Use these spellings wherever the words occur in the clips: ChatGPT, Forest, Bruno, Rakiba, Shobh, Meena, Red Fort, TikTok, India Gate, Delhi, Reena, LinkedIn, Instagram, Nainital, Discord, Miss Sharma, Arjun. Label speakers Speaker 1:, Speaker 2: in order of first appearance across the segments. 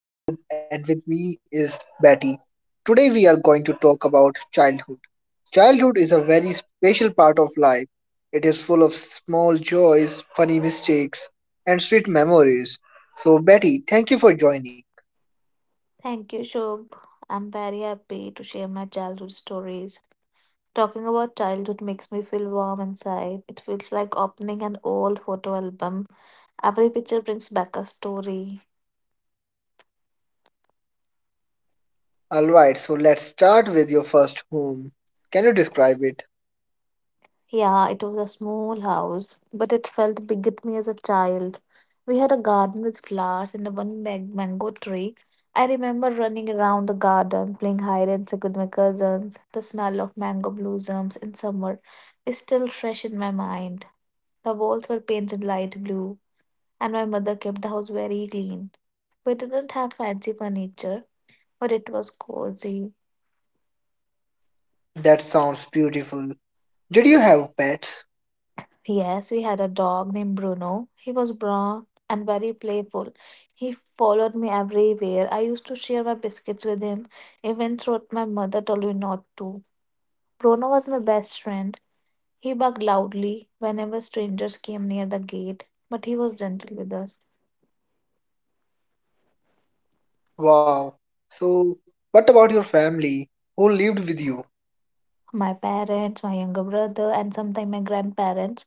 Speaker 1: I am Shubh, and with me is Betty. Today, we are going to talk about childhood. Childhood is a very special part of life. It is full of small joys, funny mistakes, and sweet memories. So, Betty, thank you for joining.
Speaker 2: Thank you, Shobh. I'm very happy to share my childhood stories. Talking about childhood makes me feel warm inside. It feels like opening an old photo album. Every picture brings back a story.
Speaker 1: Alright, so let's start with your first home. Can you describe it?
Speaker 2: Yeah, it was a small house, but it felt big at me as a child. We had a garden with flowers and one mango tree. I remember running around the garden, playing hide and seek with my cousins. The smell of mango blossoms in summer is still fresh in my mind. The walls were painted light blue, and my mother kept the house very clean. We didn't have fancy furniture, but it was cozy.
Speaker 1: That sounds beautiful. Did you have pets?
Speaker 2: Yes, we had a dog named Bruno. He was brown and very playful. He followed me everywhere. I used to share my biscuits with him, even though my mother told me not to. Bruno was my best friend. He barked loudly whenever strangers came near the gate, but he was gentle with us.
Speaker 1: Wow. So, what about your family? Who lived with you?
Speaker 2: My parents, my younger brother, and sometimes my grandparents.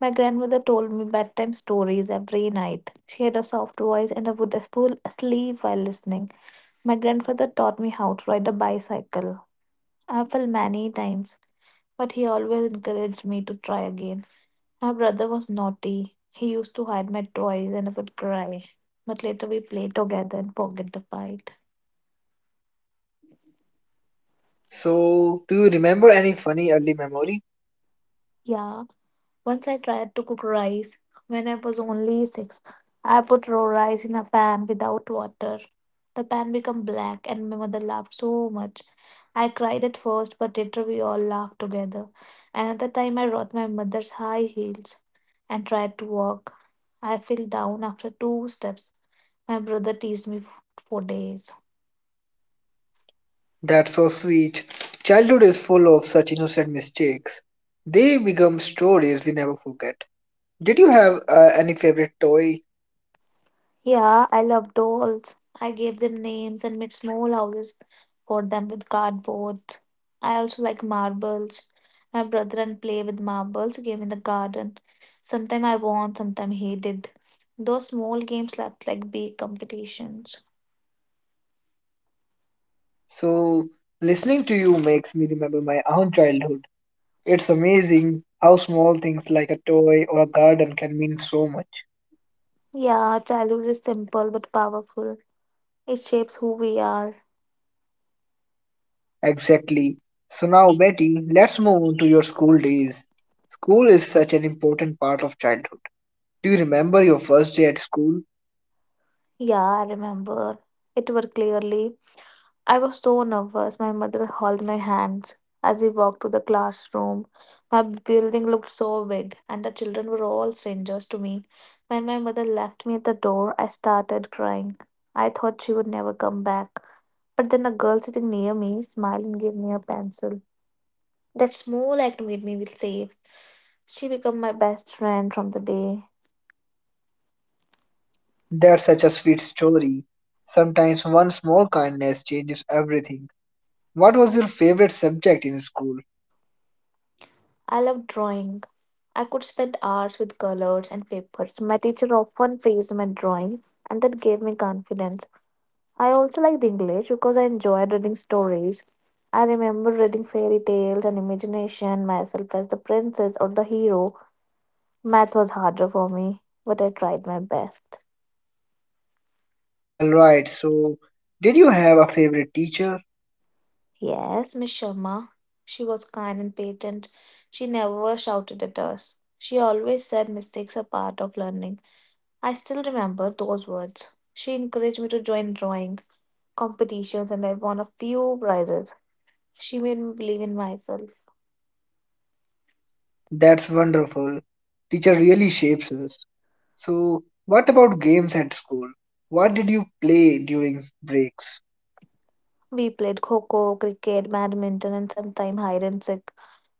Speaker 2: My grandmother told me bedtime stories every night. She had a soft voice and I would fall asleep while listening. My grandfather taught me how to ride a bicycle. I fell many times, but he always encouraged me to try again. My brother was naughty. He used to hide my toys and I would cry. But later we played together and forget the fight.
Speaker 1: So, do you remember any funny early memory?
Speaker 2: Yeah, once I tried to cook rice when I was only six. I put raw rice in a pan without water. The pan became black, and my mother laughed so much. I cried at first, but later we all laughed together. Another time, I wrought my mother's high heels and tried to walk. I fell down after two steps. My brother teased me for days.
Speaker 1: That's so sweet. Childhood is full of such innocent mistakes. They become stories we never forget. Did you have any favorite toy?
Speaker 2: Yeah, I love dolls. I gave them names and made small houses for them with cardboard. I also like marbles. My brother and play with marbles game in the garden. Sometime I won, sometime he did. Those small games left like big competitions.
Speaker 1: So, listening to you makes me remember my own childhood. It's amazing how small things like a toy or a garden can mean so much.
Speaker 2: Yeah, childhood is simple but powerful. It shapes who we are.
Speaker 1: Exactly. So, now, Betty, let's move on to your school days. School is such an important part of childhood. Do you remember your first day at school?
Speaker 2: Yeah, I remember. It were clearly. I was so nervous. My mother held my hands as we walked to the classroom. My building looked so big, and the children were all strangers to me. When my mother left me at the door, I started crying. I thought she would never come back. But then a girl sitting near me smiled and gave me a pencil. That small act made me feel safe. She became my best friend from the day.
Speaker 1: That's such a sweet story. Sometimes one small kindness changes everything. What was your favorite subject in school?
Speaker 2: I love drawing. I could spend hours with colors and papers. My teacher often praised my drawings, and that gave me confidence. I also liked English because I enjoyed reading stories. I remember reading fairy tales and imagination myself as the princess or the hero. Math was harder for me, but I tried my best.
Speaker 1: Alright, so did you have a favorite teacher?
Speaker 2: Yes, Miss Sharma. She was kind and patient. She never shouted at us. She always said mistakes are part of learning. I still remember those words. She encouraged me to join drawing competitions and I won a few prizes. She made me believe in myself.
Speaker 1: That's wonderful. Teacher really shapes us. So, what about games at school? What did you play during breaks?
Speaker 2: We played kho kho, cricket, badminton, and sometimes hide and seek.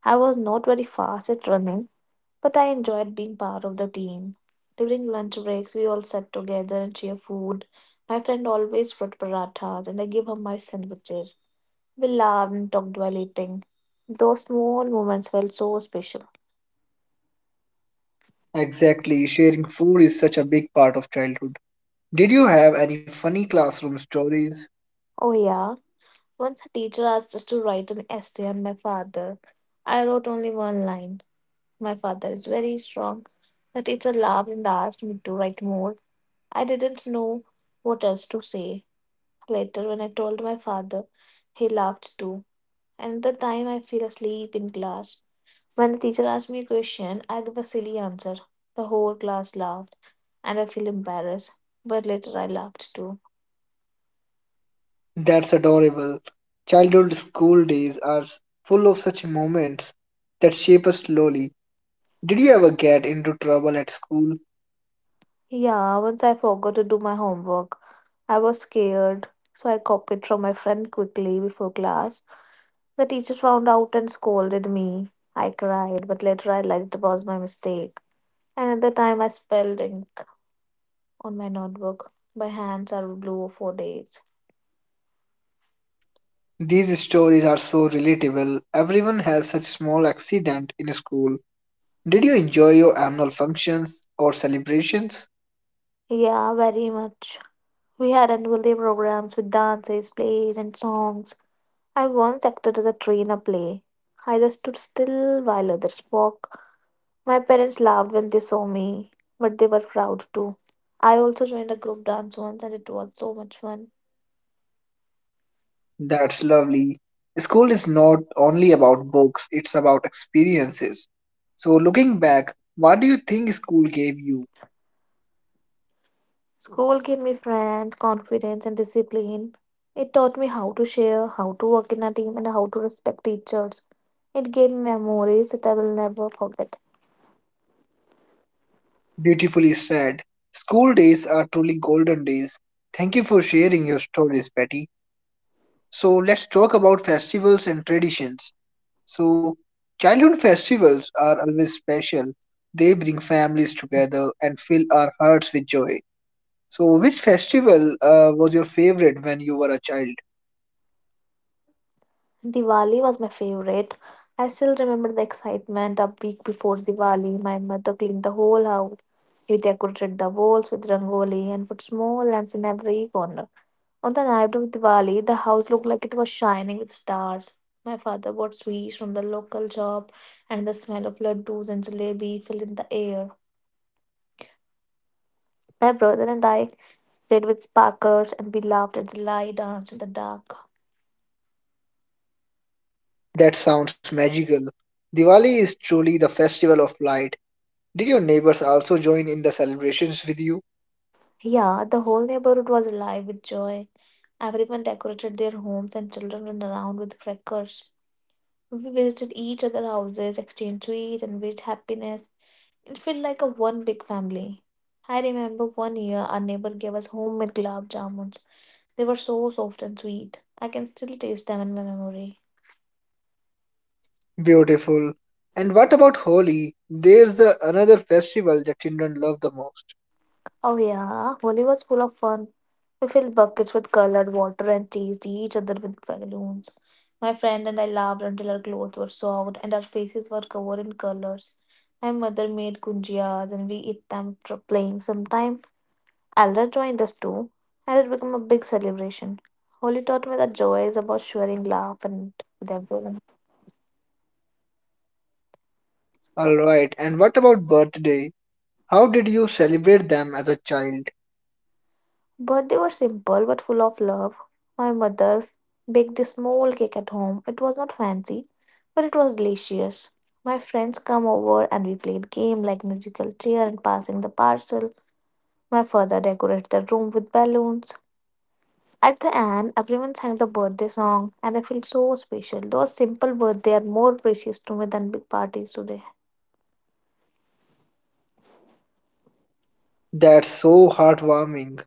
Speaker 2: I was not very fast at running, but I enjoyed being part of the team. During lunch breaks, we all sat together and shared food. My friend always brought parathas, and I gave her my sandwiches. We laughed and talked while eating. Those small moments felt so special.
Speaker 1: Exactly, sharing food is such a big part of childhood. Did you have any funny classroom stories?
Speaker 2: Oh, yeah. Once a teacher asked us to write an essay on my father. I wrote only one line. My father is very strong. The teacher laughed and asked me to write more. I didn't know what else to say. Later, when I told my father, he laughed too. And the time I fell asleep in class. When the teacher asked me a question, I gave a silly answer. The whole class laughed, and I feel embarrassed. But later, I laughed too.
Speaker 1: That's adorable. Childhood school days are full of such moments that shape us slowly. Did you ever get into trouble at school?
Speaker 2: Yeah, once I forgot to do my homework. I was scared, so I copied from my friend quickly before class. The teacher found out and scolded me. I cried, but later I realized it was my mistake. Another time I spelled ink on my notebook. My hands are blue for days.
Speaker 1: These stories are so relatable. Everyone has such small accident in school. Did you enjoy your annual functions or celebrations?
Speaker 2: Yeah, very much. We had annual day programs with dances, plays, and songs. I once acted as a tree in a play. I just stood still while others spoke. My parents laughed when they saw me, but they were proud too. I also joined a group dance once and it was so much fun.
Speaker 1: That's lovely. School is not only about books, it's about experiences. So looking back, what do you think school gave you?
Speaker 2: School gave me friends, confidence, and discipline. It taught me how to share, how to work in a team, and how to respect teachers. It gave me memories that I will never forget.
Speaker 1: Beautifully said. School days are truly golden days. Thank you for sharing your stories, Betty. So let's talk about festivals and traditions. So childhood festivals are always special. They bring families together and fill our hearts with joy. So which festival was your favorite when you were a child?
Speaker 2: Diwali was my favorite. I still remember the excitement a week before Diwali. My mother cleaned the whole house. We decorated the walls with rangoli and put small lamps in every corner. On the night of Diwali, the house looked like it was shining with stars. My father bought sweets from the local shop, and the smell of laddus and jalebi filled in the air. My brother and I played with sparklers, and we laughed at the light dance in the dark.
Speaker 1: That sounds magical. Diwali is truly the festival of light. Did your neighbors also join in the celebrations with you?
Speaker 2: Yeah, the whole neighborhood was alive with joy. Everyone decorated their homes, and children ran around with crackers. We visited each other's houses, exchanged sweets, and wished happiness. It felt like a one big family. I remember one year our neighbor gave us homemade gulab jamuns. They were so soft and sweet. I can still taste them in my memory.
Speaker 1: Beautiful. And what about Holi? There's the another festival that children love the most.
Speaker 2: Oh yeah, Holi was full of fun. We filled buckets with colored water and teased each other with balloons. My friend and I laughed until our clothes were soaked and our faces were covered in colors. My mother made gunjiyas and we ate them playing. Sometimes Elder joined us too, and it became a big celebration. Holi taught me that joy is about sharing laugh and with everyone.
Speaker 1: All right. And what about birthday? How did you celebrate them as a child?
Speaker 2: But they were simple but full of love. My mother baked a small cake at home. It was not fancy, but it was delicious. My friends come over and we played game like musical chair and passing the parcel. My father decorated the room with balloons. At the end, everyone sang the birthday song, and I feel so special. Those simple birthdays are more precious to me than big parties today.
Speaker 1: That's so heartwarming.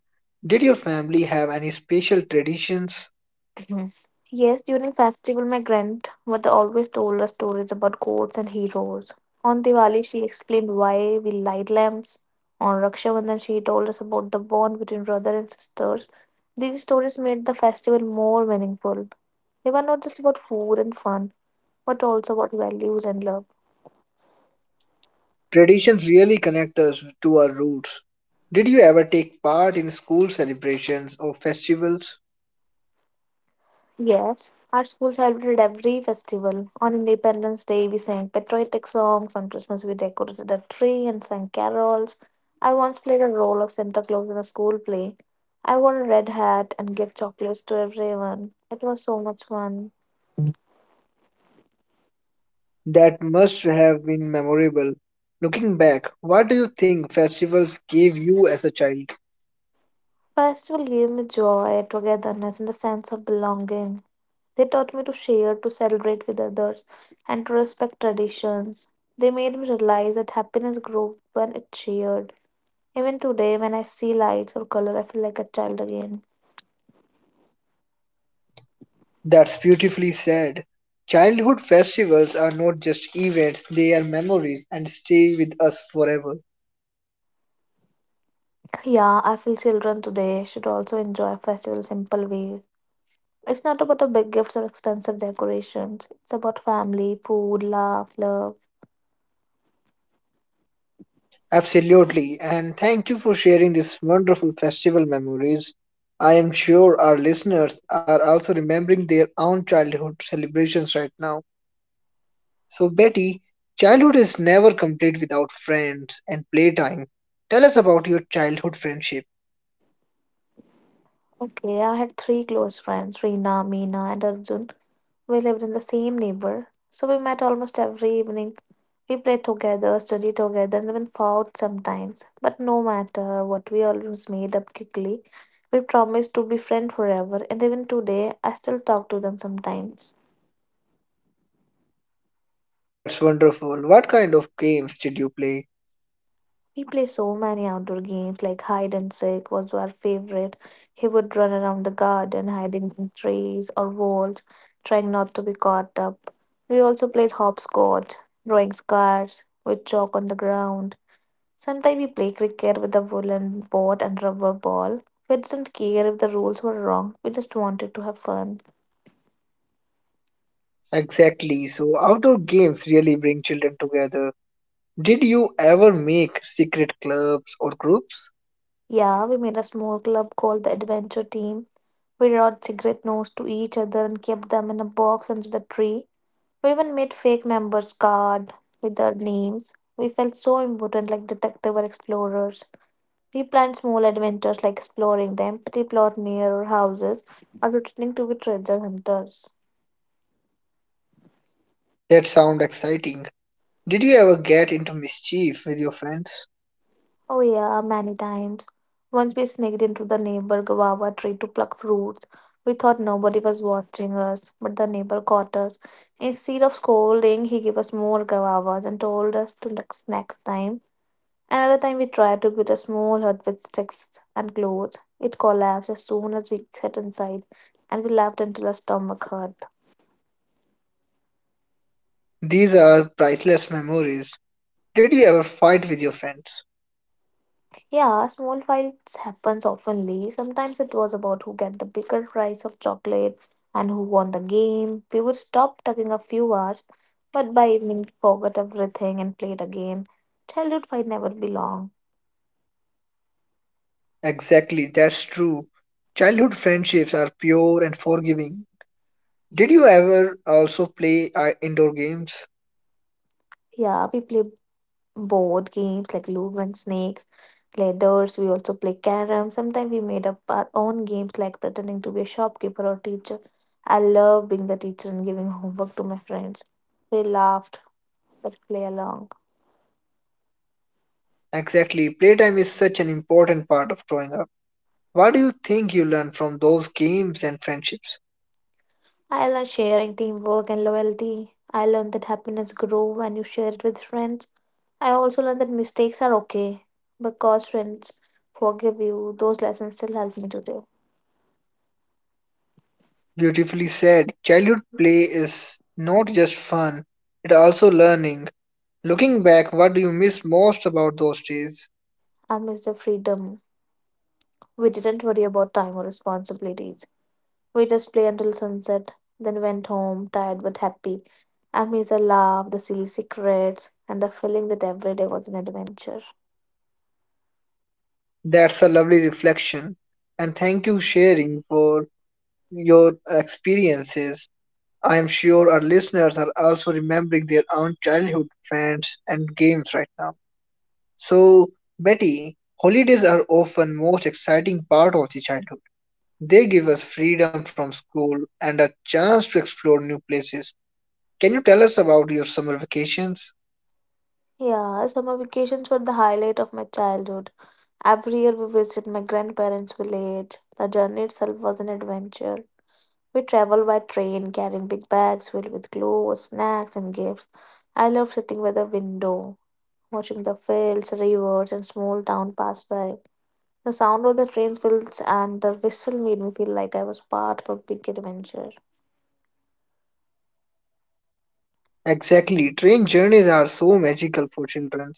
Speaker 1: Did your family have any special traditions?
Speaker 2: Mhm. Yes, during festival, my grandmother always told us stories about gods and heroes. On Diwali, she explained why we light lamps. On Raksha Bandhan, she told us about the bond between brother and sisters. These stories made the festival more meaningful. They were not just about food and fun, but also about values and love.
Speaker 1: Traditions really connect us to our roots. Did you ever take part in school celebrations or festivals?
Speaker 2: Yes, our school celebrated every festival. On Independence Day, we sang patriotic songs. On Christmas, we decorated a tree and sang carols. I once played a role of Santa Claus in a school play. I wore a red hat and gave chocolates to everyone. It was so much fun.
Speaker 1: That must have been memorable. Looking back, what do you think festivals gave you as a child?
Speaker 2: Festival gave me joy, togetherness, and a sense of belonging. They taught me to share, to celebrate with others, and to respect traditions. They made me realize that happiness grew when it's shared. Even today, when I see lights or color, I feel like a child again.
Speaker 1: That's beautifully said. Childhood festivals are not just events, they are memories and stay with us forever.
Speaker 2: Yeah, I feel children today should also enjoy festival simple ways. It's not about the big gifts or expensive decorations. It's about family, food, laugh, love.
Speaker 1: Absolutely, and thank you for sharing these wonderful festival memories. I am sure our listeners are also remembering their own childhood celebrations right now. So, Betty, childhood is never complete without friends and playtime. Tell us about your childhood friendship.
Speaker 2: Okay, I had three close friends, Reena, Meena, and Arjun. We lived in the same neighbor, so we met almost every evening. We played together, studied together, and even fought sometimes. But no matter what, we always made up quickly. We promised to be friends forever, and even today, I still talk to them sometimes.
Speaker 1: That's wonderful. What kind of games did you play?
Speaker 2: We play so many outdoor games, like hide and seek was our favorite. He would run around the garden, hiding in trees or walls, trying not to be caught up. We also played hopscotch, drawing scars with chalk on the ground. Sometimes we play cricket with a woolen board and rubber ball. We didn't care if the rules were wrong, we just wanted to have fun.
Speaker 1: Exactly. So outdoor games really bring children together. Did you ever make secret clubs or groups?
Speaker 2: Yeah, we made a small club called the Adventure Team. We wrote cigarette notes to each other and kept them in a box under the tree. We even made fake members' card with their names. We felt so important like detective or explorers. We planned small adventures like exploring the empty plot near our houses or pretending to be treasure hunters.
Speaker 1: That sound exciting. Did you ever get into mischief with your friends?
Speaker 2: Oh yeah, many times. Once we sneaked into the neighbor guava tree to pluck fruits. We thought nobody was watching us, but the neighbor caught us. Instead of scolding, he gave us more guavas and told us to next time. Another time we tried to build a small hut with sticks and clothes. It collapsed as soon as we sat inside, and we laughed until our stomach hurt.
Speaker 1: These are priceless memories. Did you ever fight with your friends?
Speaker 2: Yeah, small fights happens oftenly. Sometimes it was about who get the bigger price of chocolate and who won the game. We would stop talking a few hours, but by evening we forgot everything and played again. Childhood fight never be long.
Speaker 1: Exactly, that's true. Childhood friendships are pure and forgiving. Did you ever also play indoor games?
Speaker 2: Yeah, we play board games like Ludo and Snakes, ladders. We also play carom. Sometimes we made up our own games like pretending to be a shopkeeper or teacher. I love being the teacher and giving homework to my friends. They laughed but play along.
Speaker 1: Exactly, playtime is such an important part of growing up. What do you think you learned from those games and friendships?
Speaker 2: I love sharing teamwork and loyalty. I learned that happiness grows when you share it with friends. I also learned that mistakes are okay because friends forgive you. Those lessons still help me today.
Speaker 1: Beautifully said. Childhood play is not just fun, it's also learning. Looking back, what do you miss most about those days?
Speaker 2: I miss the freedom. We didn't worry about time or responsibilities. We just played until sunset, then went home, tired but happy. I miss the love, the silly secrets, and the feeling that every day was an adventure.
Speaker 1: That's a lovely reflection. And thank you sharing for your experiences. I am sure our listeners are also remembering their own childhood friends and games right now. So, Betty, holidays are often most exciting part of the childhood. They give us freedom from school and a chance to explore new places. Can you tell us about your summer vacations?
Speaker 2: Yeah, summer vacations were the highlight of my childhood. Every year we visit my grandparents' village. The journey itself was an adventure. We traveled by train, carrying big bags filled with clothes, snacks, and gifts. I loved sitting by the window, watching the fields, rivers, and small town pass by. The sound of the train's wheels and the whistle made me feel like I was part of a big adventure.
Speaker 1: Exactly, train journeys are so magical for children.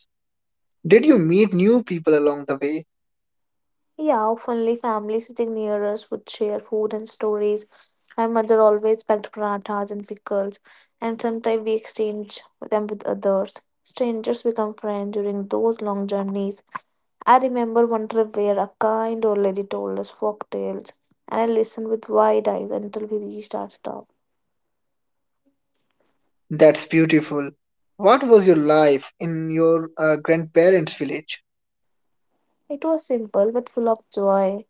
Speaker 1: Did you meet new people along the way?
Speaker 2: Yeah, oftenly families sitting near us would share food and stories. My mother always packed parathas and pickles, and sometimes we exchanged them with others. Strangers become friends during those long journeys. I remember one trip where a kind old lady told us folk tales, and I listened with wide eyes until we reached our stop.
Speaker 1: That's beautiful. What was your life in your grandparents' village?
Speaker 2: It was simple but full of joy.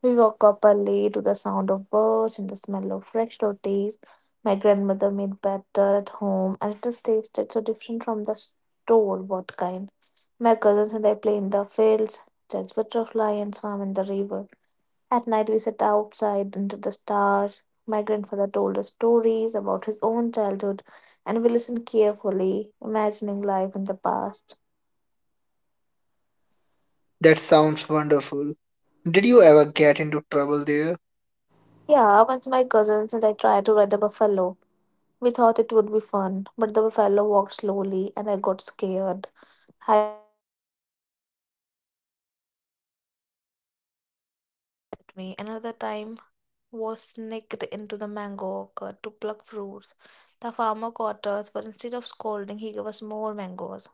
Speaker 2: We woke up early to the sound of birds and the smell of fresh rotis. My grandmother made batter at home, and it just tasted so different from the store what kind. My cousins and I play in the fields, chase butterfly, and swam in the river. At night, we sat outside under the stars. My grandfather told us stories about his own childhood, and we listened carefully, imagining life in the past.
Speaker 1: That sounds wonderful. Did you ever get into trouble there?
Speaker 2: Yeah, once my cousins and I tried to ride a buffalo. We thought it would be fun, but the fellow walked slowly and I got scared. Me. Another time was sneaked into the mango orchard to pluck fruits. The farmer caught us, but instead of scolding, he gave us more mangoes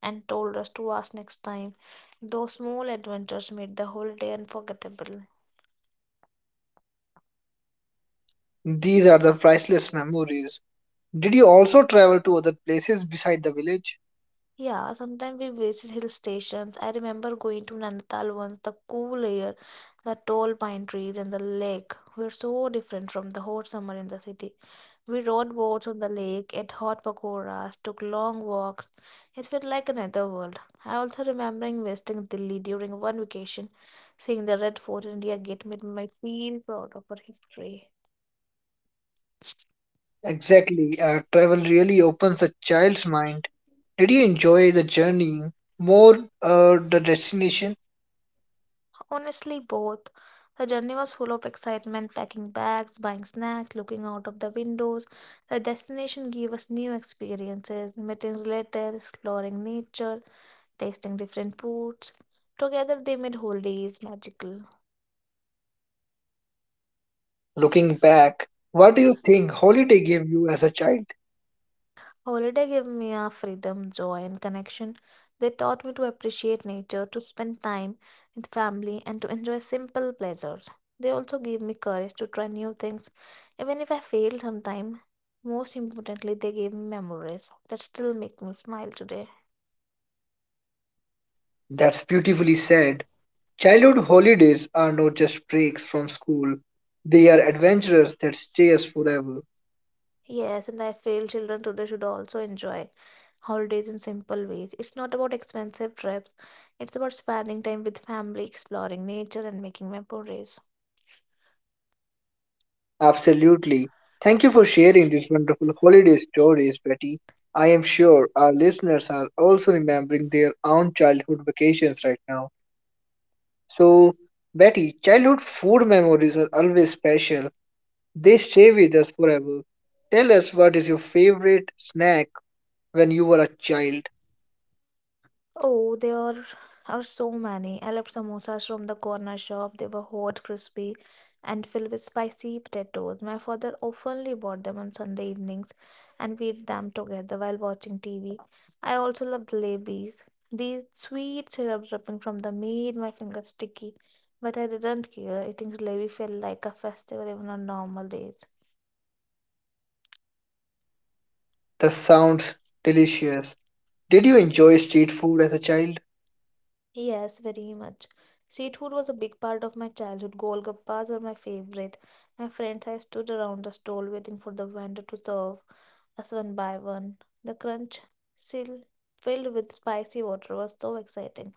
Speaker 2: and told us to ask next time. Those small adventures made the holiday unforgettable.
Speaker 1: These are the priceless memories. Did you also travel to other places beside the village?
Speaker 2: Yeah, sometimes we visit hill stations. I remember going to Nainital once. The cool air, the tall pine trees, and the lake were so different from the hot summer in the city. We rode boats on the lake, ate hot pakoras, took long walks. It felt like another world. I also remembering visiting Delhi during one vacation. Seeing the Red Fort and India Gate made me feel proud of our history.
Speaker 1: Exactly, travel really opens a child's mind. Did you enjoy the journey more the destination?
Speaker 2: Honestly, both. The journey was full of excitement, packing bags, buying snacks, looking out of the windows. The destination gave us new experiences, meeting relatives, exploring nature, tasting different foods. Together, they made holidays magical.
Speaker 1: Looking back, what do you think holiday gave you as a child?
Speaker 2: Holiday gave me a freedom, joy, and connection. They taught me to appreciate nature, to spend time with family, and to enjoy simple pleasures. They also gave me courage to try new things, even if I failed sometime. Most importantly, they gave me memories that still make me smile today.
Speaker 1: That's beautifully said. Childhood holidays are not just breaks from school, they are adventures that stay us forever.
Speaker 2: Yes, and I feel children today should also enjoy holidays in simple ways. It's not about expensive trips, it's about spending time with family, exploring nature, and making memories.
Speaker 1: Absolutely. Thank you for sharing these wonderful holiday stories, Betty. I am sure our listeners are also remembering their own childhood vacations right now. So, Betty, childhood food memories are always special. They stay with us forever. Tell us what is your favorite snack when you were a child.
Speaker 2: Oh, there are so many. I loved samosas from the corner shop. They were hot, crispy, and filled with spicy potatoes. My father oftenly bought them on Sunday evenings, and we ate them together while watching TV. I also loved jalebis. These sweet syrup dripping from them made my fingers sticky, but I didn't care. Eating jalebi felt like a festival even on normal days.
Speaker 1: That sounds delicious. Did you enjoy street food as a child?
Speaker 2: Yes, very much. Street food was a big part of my childhood. Golgappas were my favorite. My friends, I stood around the stall waiting for the vendor to serve us one by one. The crunch, still filled with spicy water, was so exciting.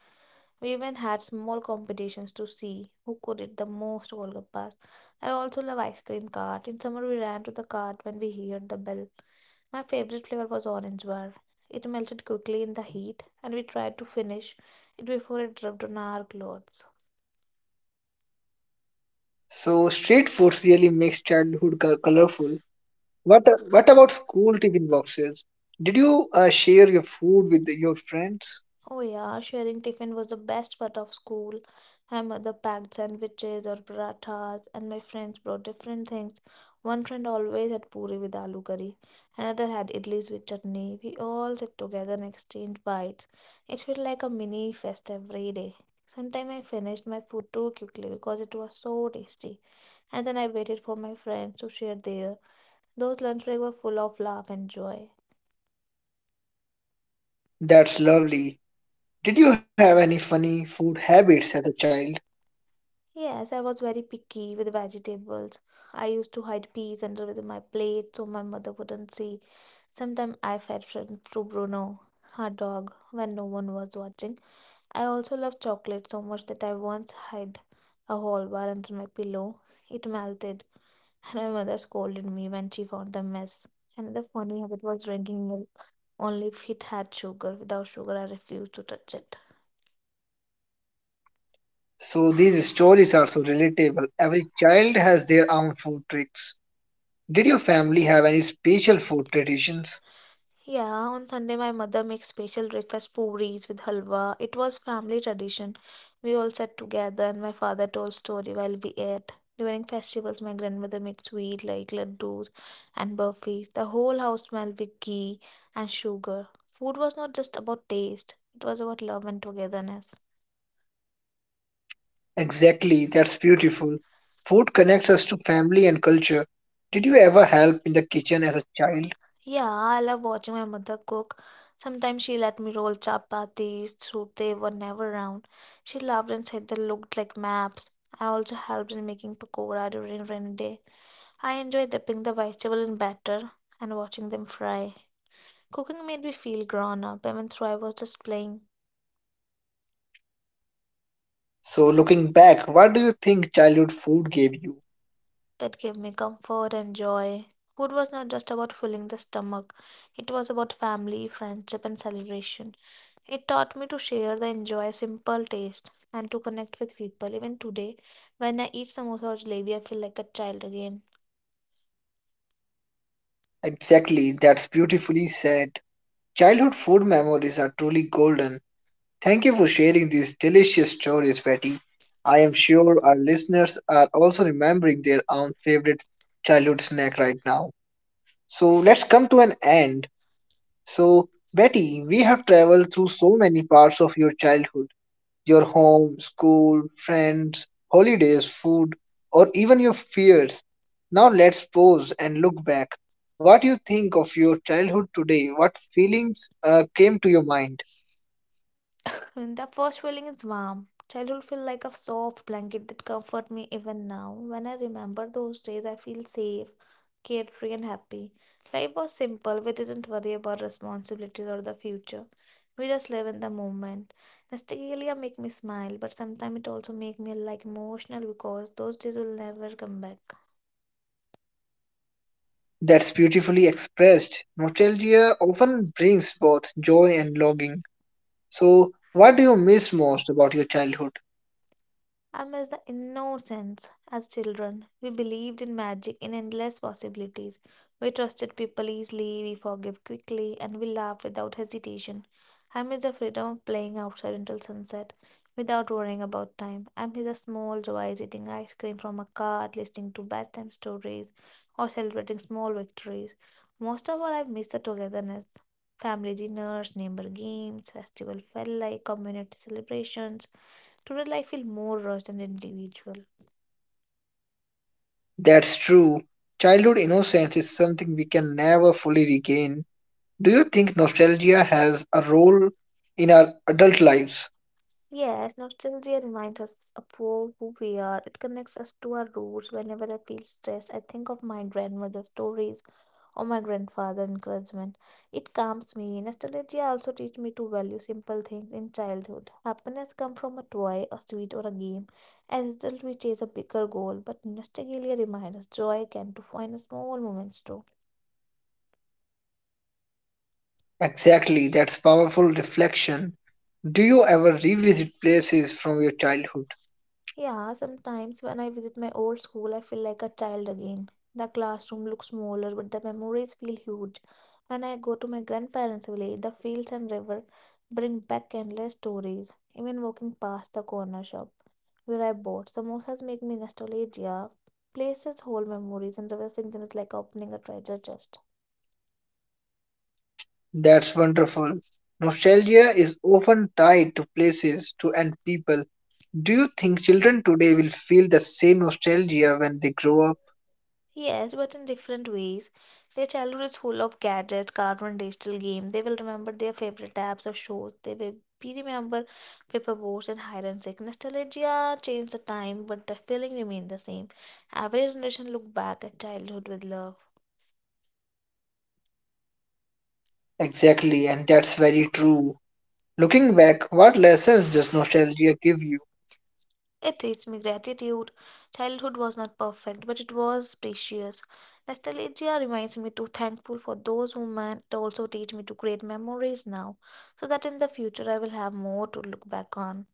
Speaker 2: We even had small competitions to see who could eat the most golgappas. I also love ice cream cart. In summer, we ran to the cart when we heard the bell. My favorite flavor was orange bar. It melted quickly in the heat, and we tried to finish it before it dripped on our clothes.
Speaker 1: So street foods really makes childhood colorful. What what about school tiffin boxes? Did you share your food with your friends?
Speaker 2: Oh, yeah, sharing tiffin was the best part of school. My mother packed sandwiches or parathas, and my friends brought different things. One friend always had puri with aloo curry, another had idlis with chutney. We all sat together and exchanged bites. It felt like a mini fest every day. Sometimes I finished my food too quickly because it was so tasty, and then I waited for my friends to share their. Those lunch breaks were full of love and joy.
Speaker 1: That's lovely. Did you have any funny food habits as a child?
Speaker 2: Yes, I was very picky with vegetables. I used to hide peas under with my plate so my mother wouldn't see. Sometimes I fed friends to Bruno, her dog, when no one was watching. I also loved chocolate so much that I once hid a whole bar under my pillow. It melted, and my mother scolded me when she found the mess. Another funny habit was drinking milk only if it had sugar. Without sugar, I refused to touch it.
Speaker 1: So these stories are so relatable. Every child has their own food tricks. Did your family have any special food traditions?
Speaker 2: Yeah, on Sunday, my mother makes special breakfast puris with halwa. It was family tradition. We all sat together, and my father told story while we ate. During festivals, my grandmother made sweet like laddus and burfis. The whole house smelled with ghee and sugar. Food was not just about taste; it was about love and togetherness.
Speaker 1: Exactly, that's beautiful. Food connects us to family and culture. Did you ever help in the kitchen as a child?
Speaker 2: Yeah, I love watching my mother cook. Sometimes she let me roll chapatis, so they were never round. She loved and said they looked like maps. I also helped in making pakora during rainy day. I enjoy dipping the vegetable in batter and watching them fry. Cooking made me feel grown up, even though I was just playing.
Speaker 1: So, looking back, what do you think childhood food gave you?
Speaker 2: It gave me comfort and joy. Food was not just about filling the stomach, it was about family, friendship, and celebration. It taught me to share the enjoy simple taste and to connect with people. Even today, when I eat samosa or jalebi, I feel like a child again.
Speaker 1: Exactly, that's beautifully said. Childhood food memories are truly golden. Thank you for sharing these delicious stories, Betty. I am sure our listeners are also remembering their own favorite childhood snack right now. So, let's come to an end. So, Betty, we have traveled through so many parts of your childhood, your home, school, friends, holidays, food, or even your fears. Now, let's pause and look back. What do you think of your childhood today? What feelings came to your mind?
Speaker 2: And the first feeling is warm. Childhood feel like a soft blanket that comfort me even now. When I remember those days, I feel safe, cared free, and happy. Life was simple. We didn't worry about responsibilities or the future. We just live in the moment. Nostalgia make me smile, but sometimes it also make me like emotional because those days will never come back.
Speaker 1: That's beautifully expressed. Nostalgia often brings both joy and longing. So, what do you miss most about your childhood?
Speaker 2: I miss the innocence. As children, we believed in magic and endless possibilities. We trusted people easily, we forgave quickly, and we laughed without hesitation. I miss the freedom of playing outside until sunset without worrying about time. I miss the small joys eating ice cream from a cart, listening to bedtime stories, or celebrating small victories. Most of all, I miss the togetherness. Family dinners, neighbor games, festival felt like community celebrations. Total, I feel more rushed and individual.
Speaker 1: That's true. Childhood innocence is something we can never fully regain. Do you think nostalgia has a role in our adult lives?
Speaker 2: Yes, nostalgia reminds us of who we are. It connects us to our roots. Whenever I feel stressed, I think of my grandmother's stories or my grandfather's encouragement. It calms me. Nostalgia also teaches me to value simple things in childhood. Happiness comes from a toy, a sweet, or a game. As adults, we chase a bigger goal, but nostalgia reminds us joy can to find small moments too.
Speaker 1: Exactly, that's powerful reflection. Do you ever revisit places from your childhood?
Speaker 2: Yeah, sometimes when I visit my old school, I feel like a child again. The classroom looks smaller, but the memories feel huge. When I go to my grandparents' village, the fields and river bring back endless stories. Even walking past the corner shop where I bought samosas make me nostalgia. Places hold memories, and reversing them is like opening a treasure chest.
Speaker 1: That's wonderful. Nostalgia is often tied to places to and people. Do you think children today will feel the same nostalgia when they grow up?
Speaker 2: Yes, but in different ways. Their childhood is full of gadgets, cartoon, digital games. They will remember their favorite apps or shows. They will be remember paperboards and hide and seek. Nostalgia changed the time, but the feeling remained the same. Every generation look back at childhood with love.
Speaker 1: Exactly, and that's very true. Looking back, what lessons does nostalgia give you?
Speaker 2: It teaches me gratitude. Childhood was not perfect, but it was precious. Nostalgia reminds me to thankful for those women. It also teach me to create memories now, so that in the future I will have more to look back on.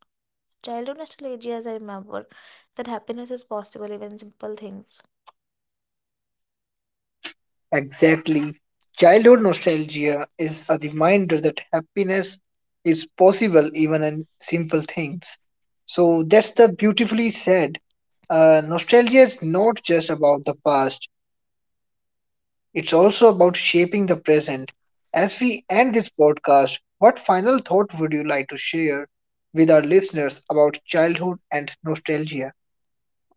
Speaker 2: Childhood nostalgias, I remember that happiness is possible even simple things.
Speaker 1: Exactly. Childhood nostalgia is a reminder that happiness is possible even in simple things. So that's the beautifully said. Nostalgia is not just about the past, it's also about shaping the present. As we end this podcast, what final thought would you like to share with our listeners about childhood and nostalgia?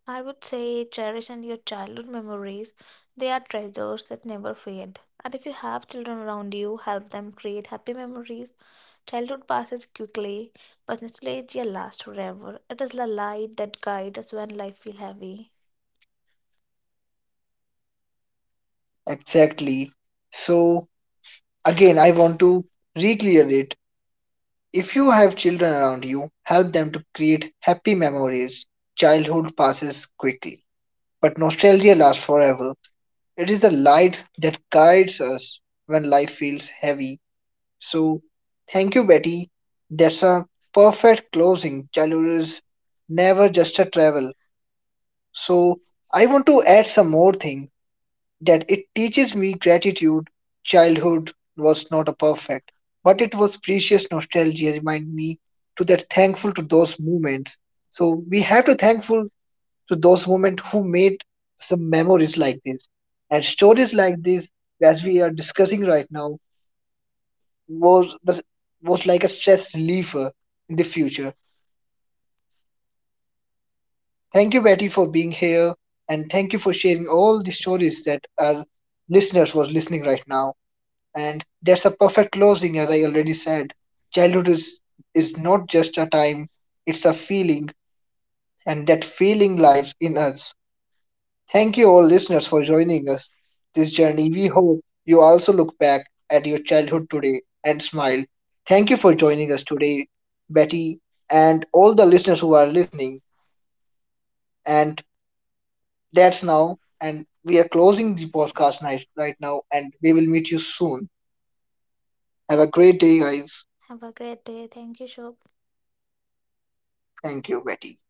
Speaker 2: I would say cherish and your childhood memories. They are treasures that never fade. And if you have children around you, help them create happy memories. Childhood passes quickly, but nostalgia lasts forever. It is the light that guides us when life feels heavy.
Speaker 1: Exactly. So, again, I want to re-clear it. If you have children around you, help them to create happy memories. Childhood passes quickly, but nostalgia lasts forever. It is the light that guides us when life feels heavy. So, thank you, Betty. That's a perfect closing. Childhood is never just a travel. So, I want to add some more thing that it teaches me gratitude. Childhood was not a perfect, but it was precious nostalgia. Remind me to that thankful to those moments. So we have to thankful to those moments who made some memories like this and stories like this as we are discussing right now was was like a stress reliever in the future. Thank you, Betty, for being here and thank you for sharing all the stories that our listeners was listening right now. And that's a perfect closing, as I already said. Childhood is, is not just a time, it's a feeling, and that feeling lives in us. Thank you, all listeners, for joining us this journey. We hope you also look back at your childhood today and smile. Thank you for joining us today, Betty, and all the listeners who are listening. And that's now. And we are closing the podcast night right now, and we will meet you soon. Have a great day, guys.
Speaker 2: Have a great day. Thank you, Shobh.
Speaker 1: Thank you, Betty.